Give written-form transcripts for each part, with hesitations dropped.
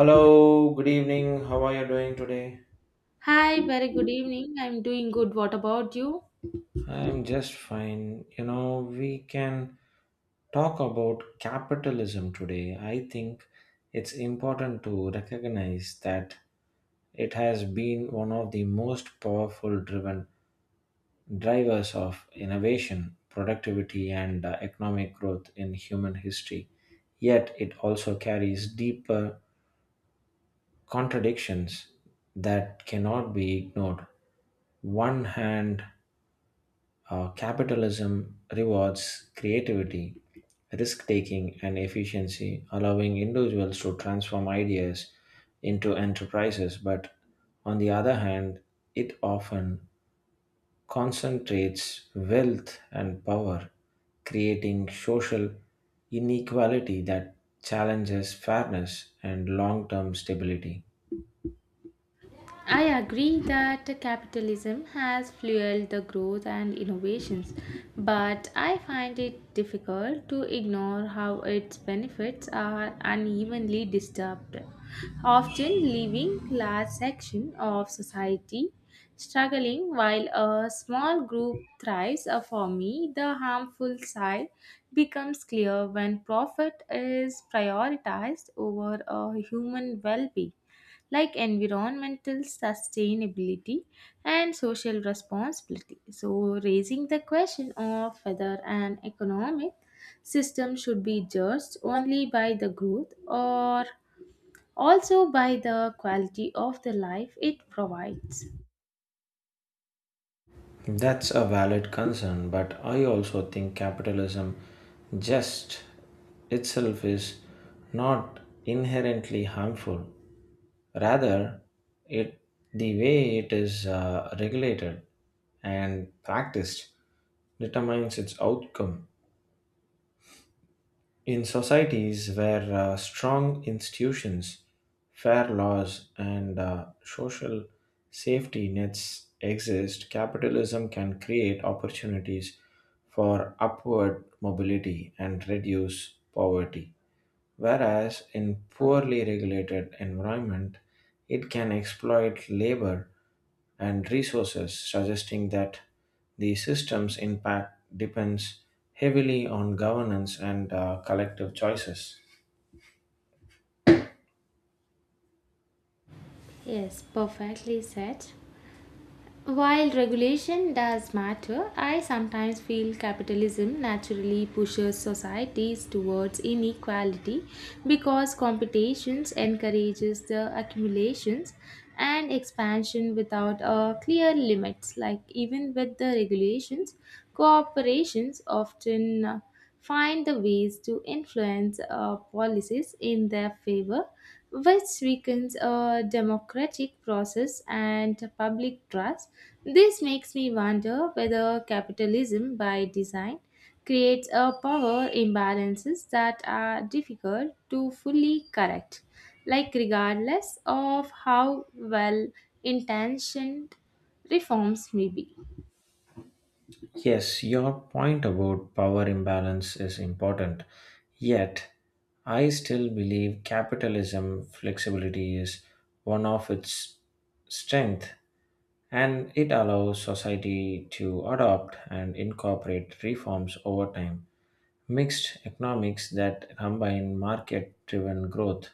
Hello, good evening. How are you doing today? Hi, very good evening. I'm doing good. What about you? I'm just fine. You know, we can talk about capitalism today. I think it's important to recognize that it has been one of the most powerful driven drivers of innovation, productivity, and economic growth in human history. Yet it also carries deeper contradictions that cannot be ignored one hand. Capitalism rewards creativity, risk taking, and efficiency, allowing individuals to transform ideas into enterprises. But on the other hand, it often concentrates wealth and power, creating social inequality that challenges fairness and long term stability. I agree that capitalism has fueled the growth and innovations, but I find it difficult to ignore how its benefits are unevenly disturbed, often leaving large sections of society struggling while a small group thrives. For me, the harmful side becomes clear when profit is prioritized over a human well-being like environmental sustainability and social responsibility. So, raising the question of whether an economic system should be judged only by the growth or also by the quality of the life it provides. That's a valid concern, but I also think capitalism just itself is not inherently harmful. Rather, it the way it is regulated and practiced determines its outcome. In societies where strong institutions, fair laws, and social safety nets exist, capitalism can create opportunities for upward mobility and reduce poverty, whereas in poorly regulated environment it can exploit labor and resources, suggesting that the system's impact depends heavily on governance and collective choices. Yes, perfectly said. While regulation does matter, I sometimes feel capitalism naturally pushes societies towards inequality because competitions encourages the accumulations and expansion without a clear limits like even with the regulations corporations often find the ways to influence policies in their favor, which weakens a democratic process and public trust. This makes me wonder whether capitalism, by design, creates a power imbalances that are difficult to fully correct like regardless of how well intentioned reforms may be. Yes, your point about power imbalance is important. Yet, I still believe capitalism flexibility is one of its strength and it allows society to adopt and incorporate reforms over time. Mixed economics that combine market driven growth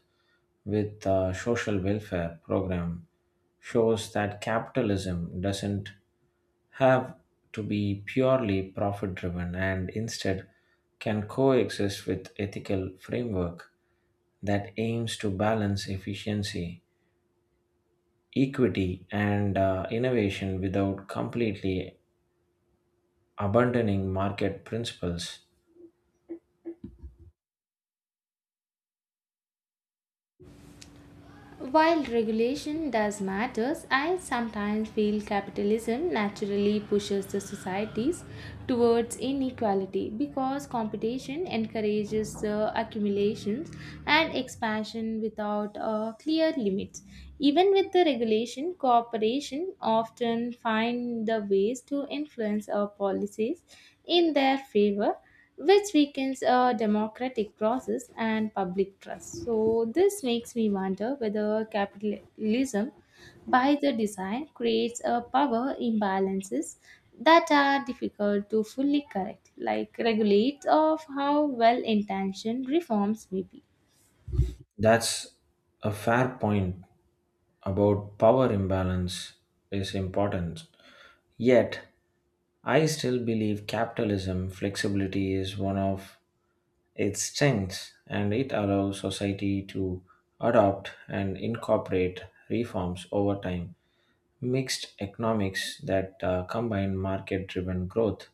with a social welfare program shows that capitalism doesn't have to be purely profit driven and instead can coexist with ethical framework that aims to balance efficiency equity and innovation without completely abandoning market principles. While regulation does matters, I sometimes feel capitalism naturally pushes the societies towards inequality because competition encourages the accumulations and expansion without clear limits. Even with the regulation, cooperation often find the ways to influence our policies in their favor, which weakens a democratic process and public trust. So, this makes me wonder whether capitalism, by the design, creates a power imbalances that are difficult to fully correct, like regulates of how well intentioned reforms may be. That's a fair point about power imbalance is important, yet I still believe capitalism flexibility is one of its strengths and it allows society to adopt and incorporate reforms over time. Mixed economics that combine market driven growth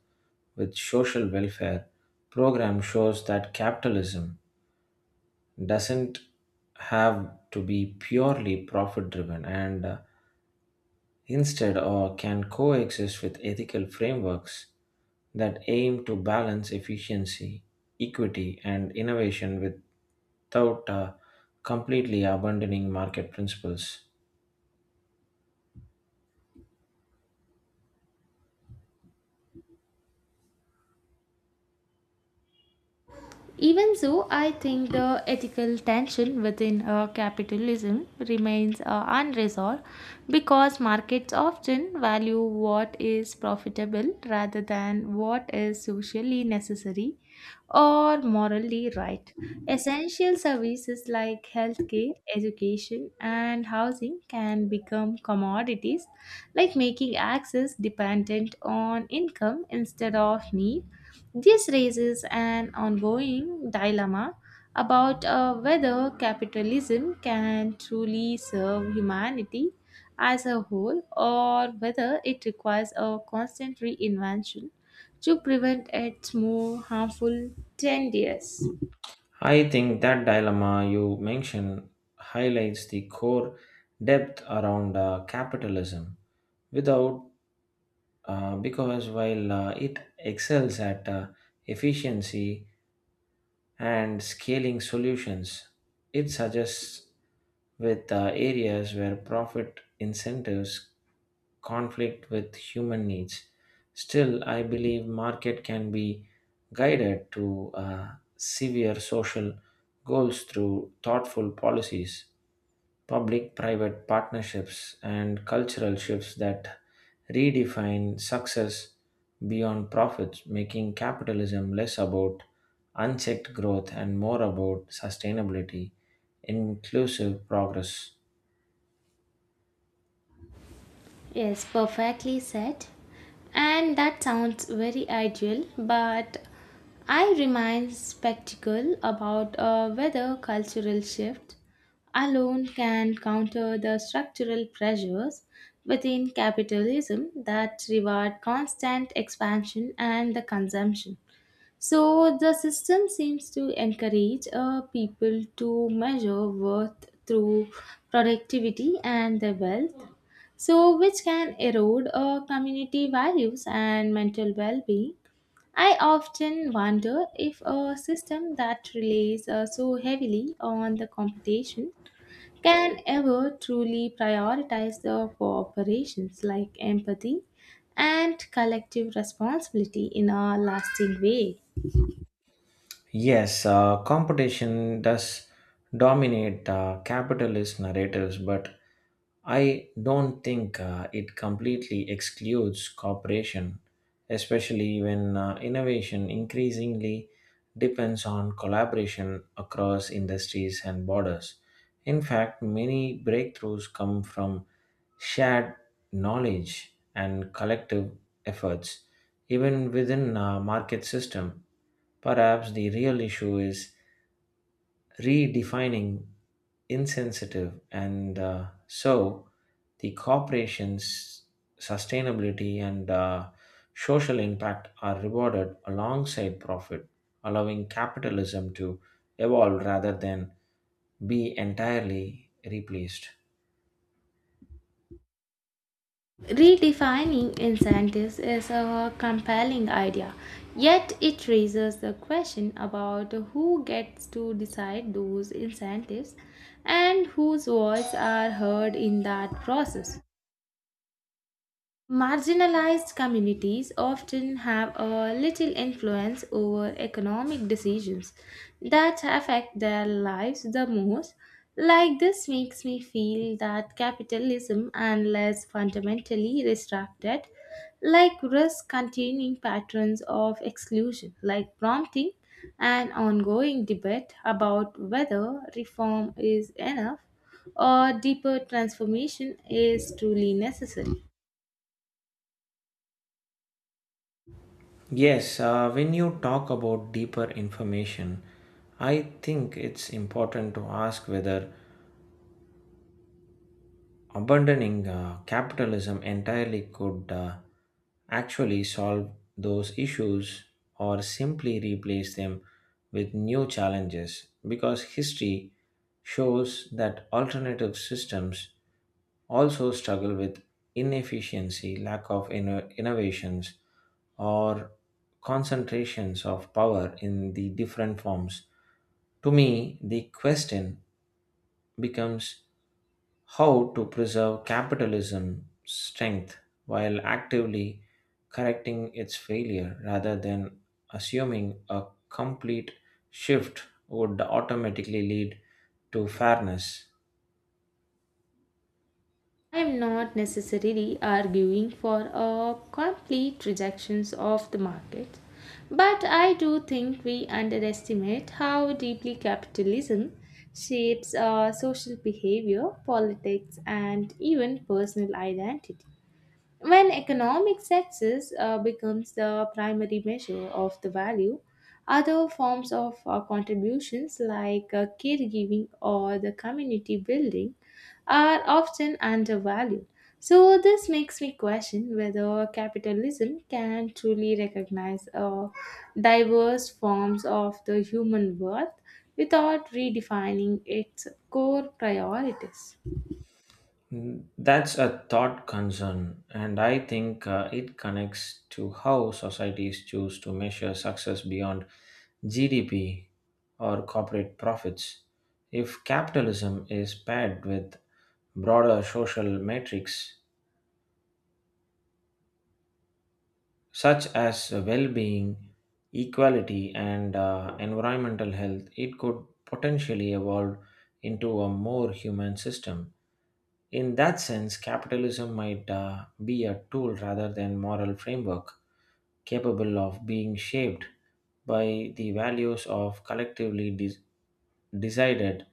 with social welfare program shows that capitalism doesn't have to be purely profit driven and instead or can coexist with ethical frameworks that aim to balance efficiency equity and innovation with without completely abandoning market principles. Even so, I think the ethical tension within capitalism remains unresolved because markets often value what is profitable rather than what is socially necessary, or morally right. Essential services like healthcare, education, and housing can become commodities, like making access dependent on income instead of need. This raises an ongoing dilemma about whether capitalism can truly serve humanity as a whole or whether it requires a constant reinvention to prevent its more harmful tendencies. I think that dilemma you mentioned highlights the core depth around capitalism. Without, because while it excels at efficiency and scaling solutions, it suggests with areas where profit incentives conflict with human needs. Still, I believe market can be guided to severe social goals through thoughtful policies, public-private partnerships, and cultural shifts that redefine success beyond profits, making capitalism less about unchecked growth and more about sustainability, inclusive progress. Yes, perfectly said. And that sounds very ideal, but I remain skeptical about whether cultural shift alone can counter the structural pressures within capitalism that reward constant expansion and the consumption. So the system seems to encourage people to measure worth through productivity and their wealth, so which can erode community values and mental well-being. I often wonder if a system that relies so heavily on the competition can ever truly prioritize the cooperations like empathy and collective responsibility in a lasting way. Yes, competition does dominate capitalist narratives, but I don't think it completely excludes cooperation, especially when innovation increasingly depends on collaboration across industries and borders. In fact, many breakthroughs come from shared knowledge and collective efforts, even within a market system. Perhaps the real issue is redefining insensitive and so the corporation's sustainability and social impact are rewarded alongside profit, allowing capitalism to evolve rather than be entirely replaced. Redefining incentives is a compelling idea, yet, it raises the question about who gets to decide those incentives and whose voices are heard in that process. Marginalized communities often have a little influence over economic decisions that affect their lives the most. Like this makes me feel that capitalism, unless fundamentally restricted, like risk continuing patterns of exclusion, like prompting an ongoing debate about whether reform is enough or deeper transformation is truly necessary. Yes, when you talk about deeper information, I think it's important to ask whether abandoning capitalism entirely could actually solve those issues or simply replace them with new challenges, because history shows that alternative systems also struggle with inefficiency, lack of innovations, or concentrations of power in the different forms. To me, the question becomes how to preserve capitalism's strength while actively correcting its failure rather than assuming a complete shift would automatically lead to fairness. I am not necessarily arguing for a complete rejection of the market, but I do think we underestimate how deeply capitalism shapes our social behavior, politics, and even personal identity. When economic success becomes the primary measure of the value, other forms of contributions like caregiving or the community building are often undervalued. So, this makes me question whether capitalism can truly recognize diverse forms of the human worth without redefining its core priorities. Mm, that's a thought concern, and I think it connects to how societies choose to measure success beyond GDP or corporate profits. If capitalism is paired with broader social metrics such as well being, equality, and environmental health, it could potentially evolve into a more human system. In that sense, capitalism might be a tool rather than moral framework capable of being shaped by the values of collectively decided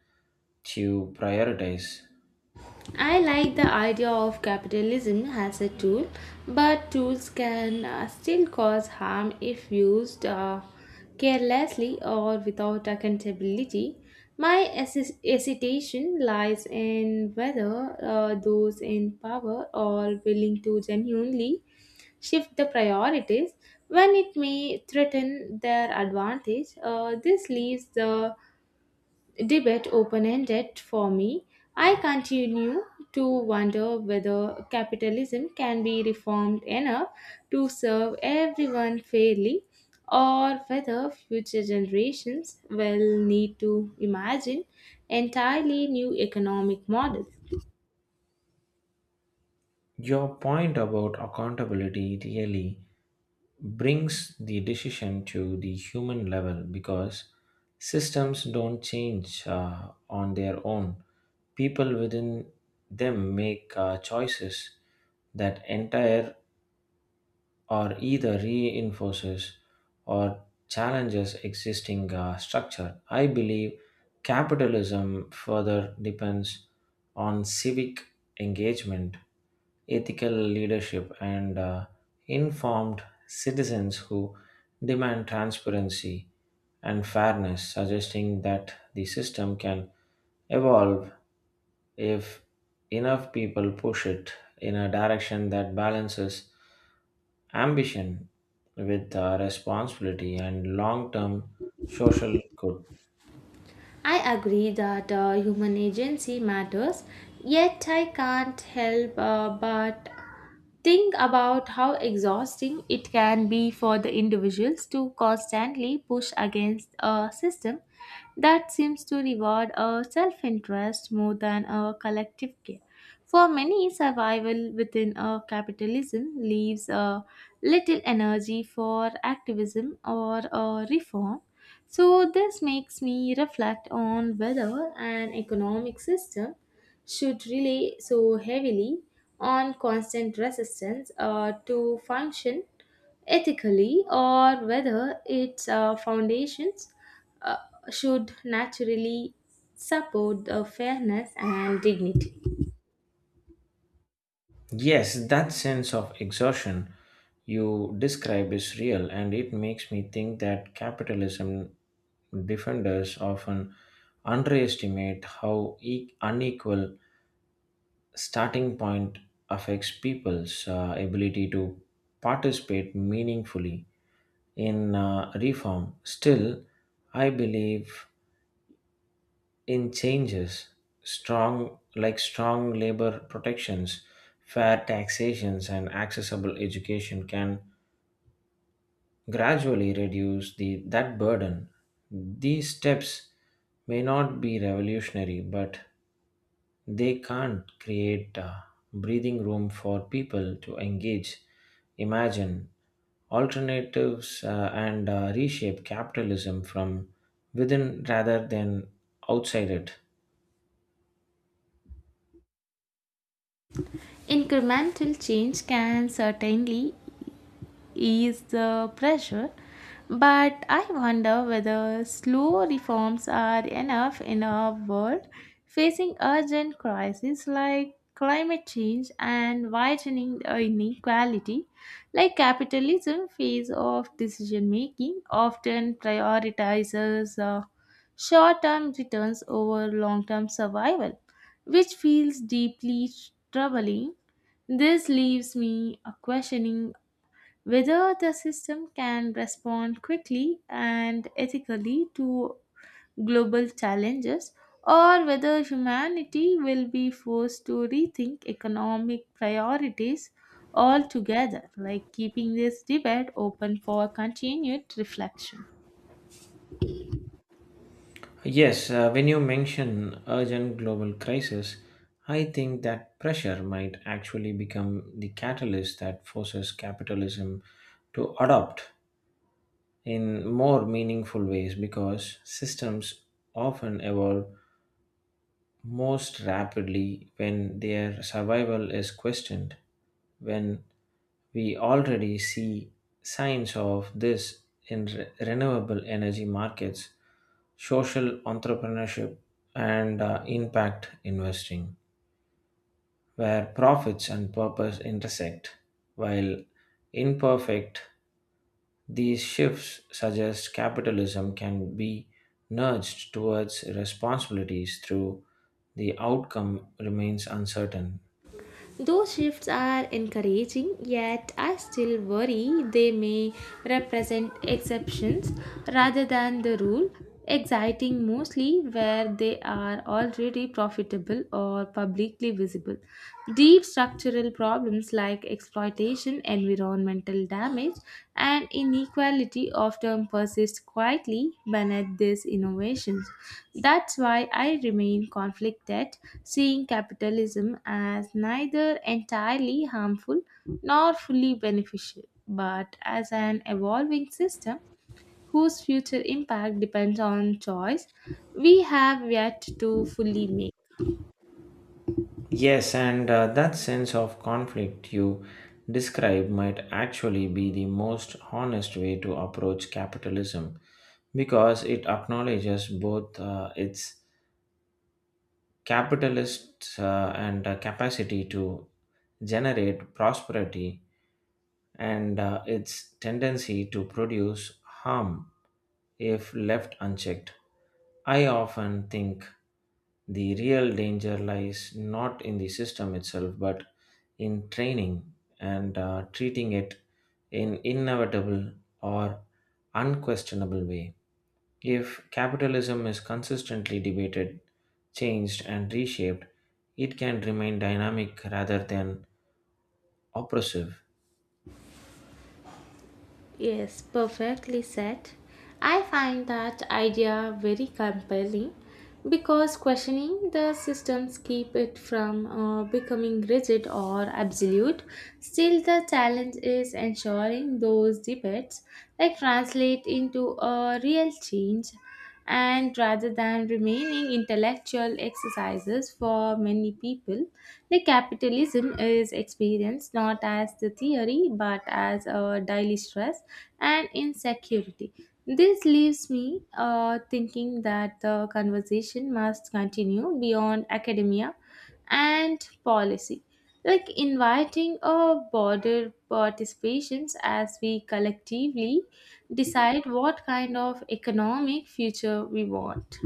to prioritize. I like the idea of capitalism as a tool, but tools can still cause harm if used carelessly or without accountability. My hesitation lies in whether those in power are willing to genuinely shift the priorities when it may threaten their advantage. This leaves the debate open ended for me. I continue to wonder whether capitalism can be reformed enough to serve everyone fairly or whether future generations will need to imagine entirely new economic models. Your point about accountability really brings the decision to the human level because systems don't change on their own. People within them make choices that entire or either reinforces or challenges existing structure. I believe capitalism further depends on civic engagement ethical leadership, and informed citizens who demand transparency and fairness, suggesting that the system can evolve if enough people push it in a direction that balances ambition with responsibility and long term social good. I agree that human agency matters, yet I can't help but think about how exhausting it can be for the individuals to constantly push against a system that seems to reward a self interest more than a collective care. For many, survival within a capitalism leaves a little energy for activism or a reform, so, this makes me reflect on whether an economic system should rely so heavily on constant resistance to function ethically or whether its foundations uh, should naturally support the fairness and dignity. Yes, that sense of exhaustion you describe is real, and it makes me think that capitalism defenders often underestimate how unequal starting point affects people's ability to participate meaningfully in reform. Still, I believe in changes strong like strong labor protections fair taxations and accessible education can gradually reduce the that burden. These steps may not be revolutionary but they can't create breathing room for people to engage imagine alternatives and reshape capitalism from within rather than outside it. Incremental change can certainly ease the pressure, but I wonder whether slow reforms are enough in a world facing urgent crises like climate change and widening inequality, like capitalism phase of decision making often prioritizes short-term returns over long-term survival, which feels deeply troubling. This leaves me questioning whether the system can respond quickly and ethically to global challenges or whether humanity will be forced to rethink economic priorities altogether like keeping this debate open for continued reflection. Yes, when you mention urgent global crisis, I think that pressure might actually become the catalyst that forces capitalism to adopt in more meaningful ways because systems often evolve most rapidly when their survival is questioned. When we already see signs of this in renewable energy markets social entrepreneurship, and impact investing, where profits and purpose intersect. While imperfect, these shifts suggest capitalism can be nudged towards responsibilities through the outcome remains uncertain. Those shifts are encouraging, yet I still worry they may represent exceptions rather than the rule, exciting mostly where they are already profitable or publicly visible. Deep structural problems like exploitation, environmental damage, and inequality often persist quietly beneath these innovations. That's why I remain conflicted, seeing capitalism as neither entirely harmful nor fully beneficial, but as an evolving system whose future impact depends on choice we have yet to fully make. Yes, and that sense of conflict you describe might actually be the most honest way to approach capitalism because it acknowledges both its capitalist and capacity to generate prosperity and its tendency to produce harm if left unchecked. I often think the real danger lies not in the system itself but in training and treating it in inevitable or unquestionable way. If capitalism is consistently debated, changed, and reshaped, it can remain dynamic rather than oppressive. Yes, perfectly said. I find that idea very compelling because questioning the systems keep it from becoming rigid or absolute. Still, the challenge is ensuring those debates like translate into a real change and rather than remaining intellectual exercises for many people the capitalism is experienced not as the theory but as a daily stress and insecurity. This leaves me thinking that the conversation must continue beyond academia and policy, like inviting a broader participations as we collectively decide what kind of economic future we want.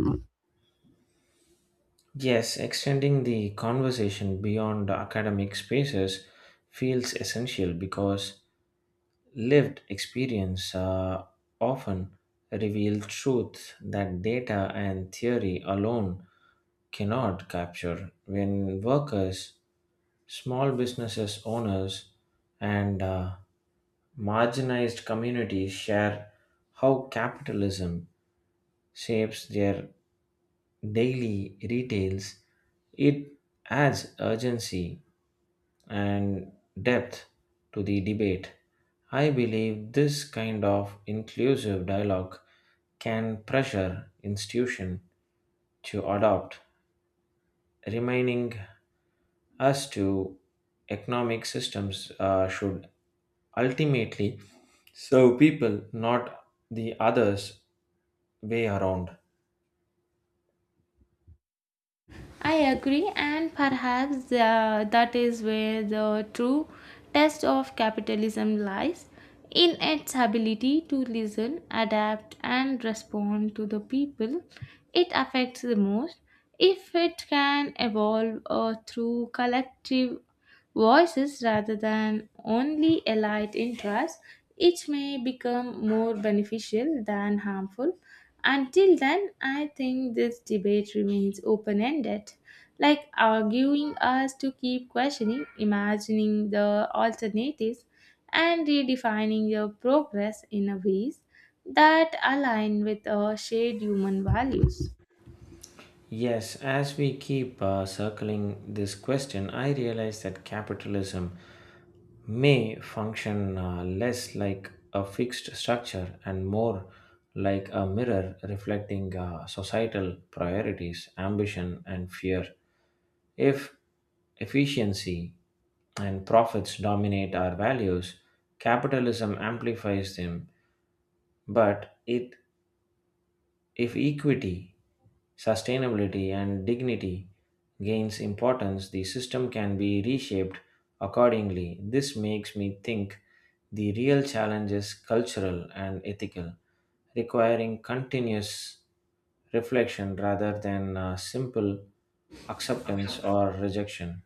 Yes, extending the conversation beyond academic spaces feels essential because lived experience often reveal truth that data and theory alone cannot capture. When workers, small businesses owners, and marginalized communities share how capitalism shapes their daily retails, it adds urgency and depth to the debate. I believe this kind of inclusive dialogue can pressure institution to adopt, reminding us to economic systems should ultimately serve people, not the others way around. I agree, and perhaps that is where the true test of capitalism lies in its ability to listen, adapt, and respond to the people it affects the most. If it can evolve through collective voices rather than only elite interests, it may become more beneficial than harmful. Until then, I think this debate remains open ended, like arguing us to keep questioning, imagining the alternatives, and redefining your progress in a ways that align with our shared human values. Yes, as we keep circling this question, I realize that capitalism may function less like a fixed structure and more like a mirror reflecting societal priorities, ambition, and fear. If efficiency and profits dominate our values, capitalism amplifies them, but it if equity, sustainability, and dignity gains importance, the system can be reshaped accordingly. This makes me think the real challenge is cultural and ethical, requiring continuous reflection rather than simple acceptance or rejection.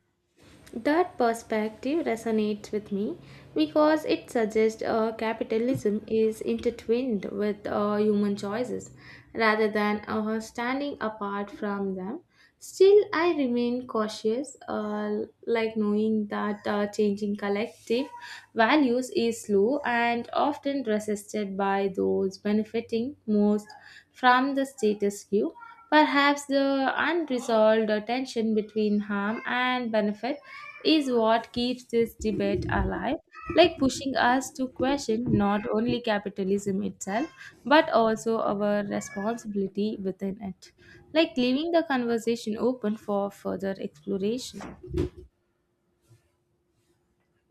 That perspective resonates with me because it suggests capitalism is intertwined with human choices rather than standing apart from them. Still, I remain cautious, like knowing that changing collective values is slow and often resisted by those benefiting most from the status quo. Perhaps the unresolved tension between harm and benefit is what keeps this debate alive, like pushing us to question not only capitalism itself, but also our responsibility within it, like leaving the conversation open for further exploration.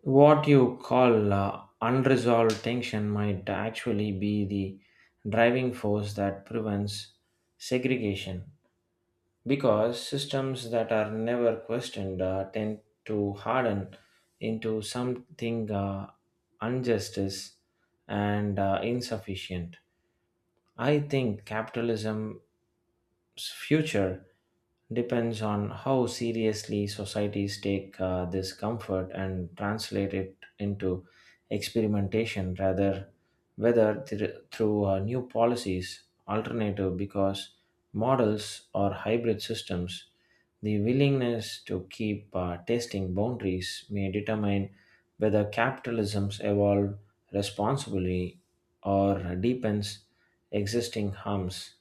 What you call unresolved tension might actually be the driving force that prevents segregation, because systems that are never questioned tend to harden into something injustice and insufficient. I think capitalism future depends on how seriously societies take this comfort and translate it into experimentation rather whether through new policies alternative because models or hybrid systems the willingness to keep testing boundaries may determine whether capitalisms evolve responsibly or deepens existing harms.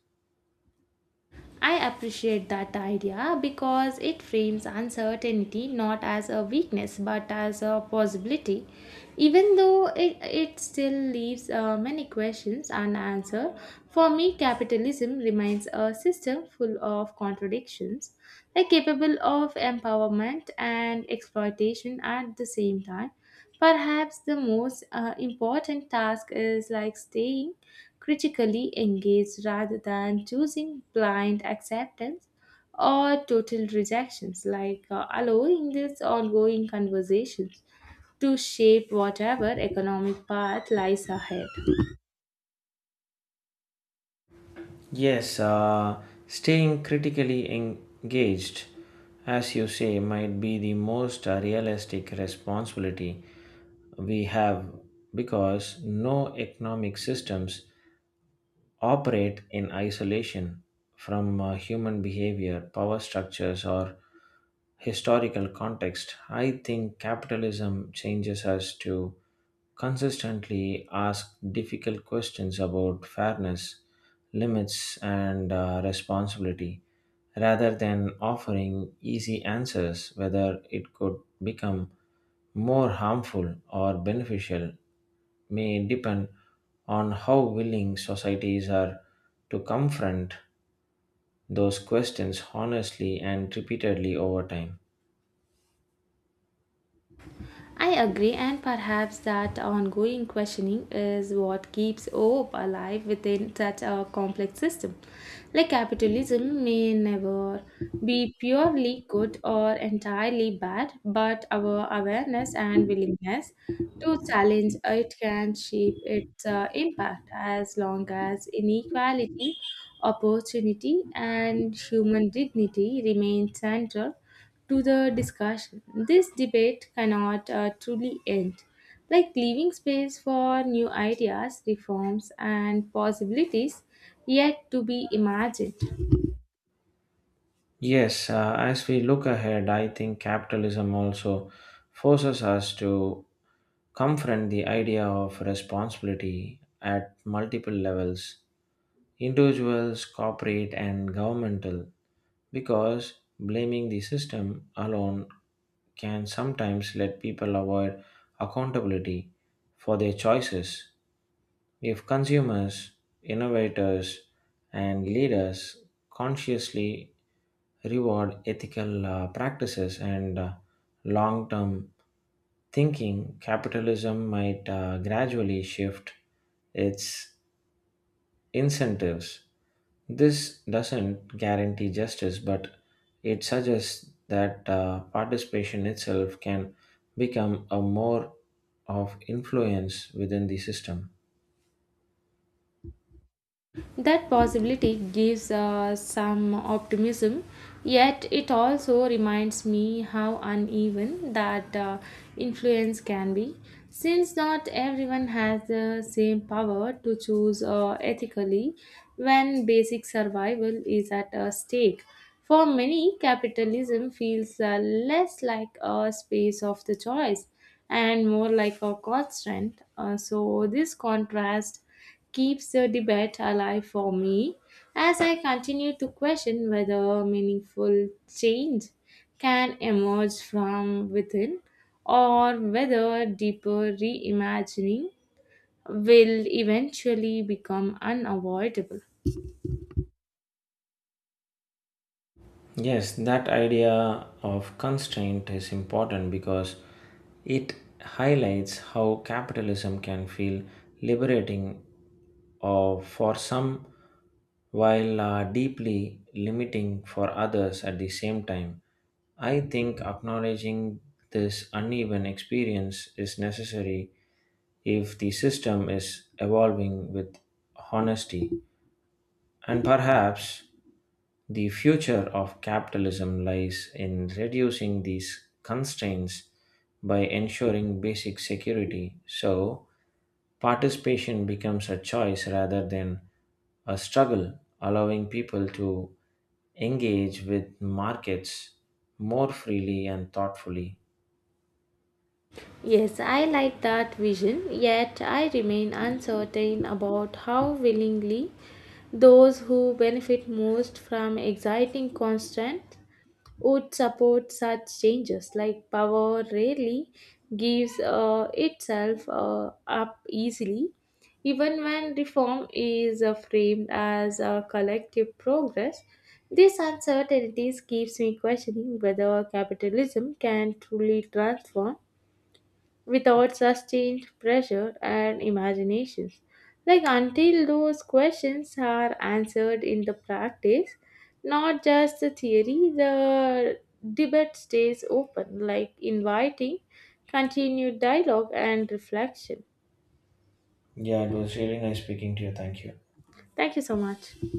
I appreciate that idea because it frames uncertainty not as a weakness but as a possibility. Even though it still leaves many questions unanswered, for me, capitalism remains a system full of contradictions, like capable of empowerment and exploitation at the same time. Perhaps the most important task is like staying critically engaged rather than choosing blind acceptance or total rejections, like allowing these ongoing conversations to shape whatever economic path lies ahead. Yes, staying critically engaged, as you say, might be the most realistic responsibility we have because no economic systems operate in isolation from human behavior, power structures, or historical context. I think capitalism changes us to consistently ask difficult questions about fairness, limits, and responsibility rather than offering easy answers whether it could become more harmful or beneficial may depend on how willing societies are to confront those questions honestly and repeatedly over time. I agree, and perhaps that ongoing questioning is what keeps hope alive within such a complex system. Like capitalism may never be purely good or entirely bad, but our awareness and willingness to challenge it can shape its impact as long as inequality, opportunity, and human dignity remain central to the discussion. This debate cannot truly end. Like leaving space for new ideas, reforms, and possibilities yet to be imagined. Yes, as we look ahead, I think capitalism also forces us to confront the idea of responsibility at multiple levels individuals, corporate, and governmental because blaming the system alone can sometimes let people avoid accountability for their choices. If consumers, innovators, and leaders consciously reward ethical practices and long term thinking, capitalism might gradually shift its incentives. This doesn't guarantee justice, but it suggests that participation itself can become a more of influence within the system. That possibility gives some optimism, yet it also reminds me how uneven that influence can be, since not everyone has the same power to choose ethically when basic survival is at stake. For many, capitalism feels less like a space of the choice and more like a constraint. So, this contrast keeps the debate alive for me as I continue to question whether meaningful change can emerge from within or whether deeper reimagining will eventually become unavoidable. Yes, that idea of constraint is important because it highlights how capitalism can feel liberating or for some while deeply limiting for others at the same time. I think acknowledging this uneven experience is necessary if the system is evolving with honesty. And perhaps the future of capitalism lies in reducing these constraints by ensuring basic security so participation becomes a choice rather than a struggle, allowing people to engage with markets more freely and thoughtfully. Yes, I like that vision, yet I remain uncertain about how willingly those who benefit most from exciting constant would support such changes. Like power rarely gives itself up easily, even when reform is framed as a collective progress. These uncertainties keeps me questioning whether capitalism can truly transform without sustained pressure and imaginations. Like until those questions are answered in the practice, not just the theory, the debate stays open, like inviting continued dialogue and reflection. Yeah, it was really nice speaking to you. Thank you. Thank you so much.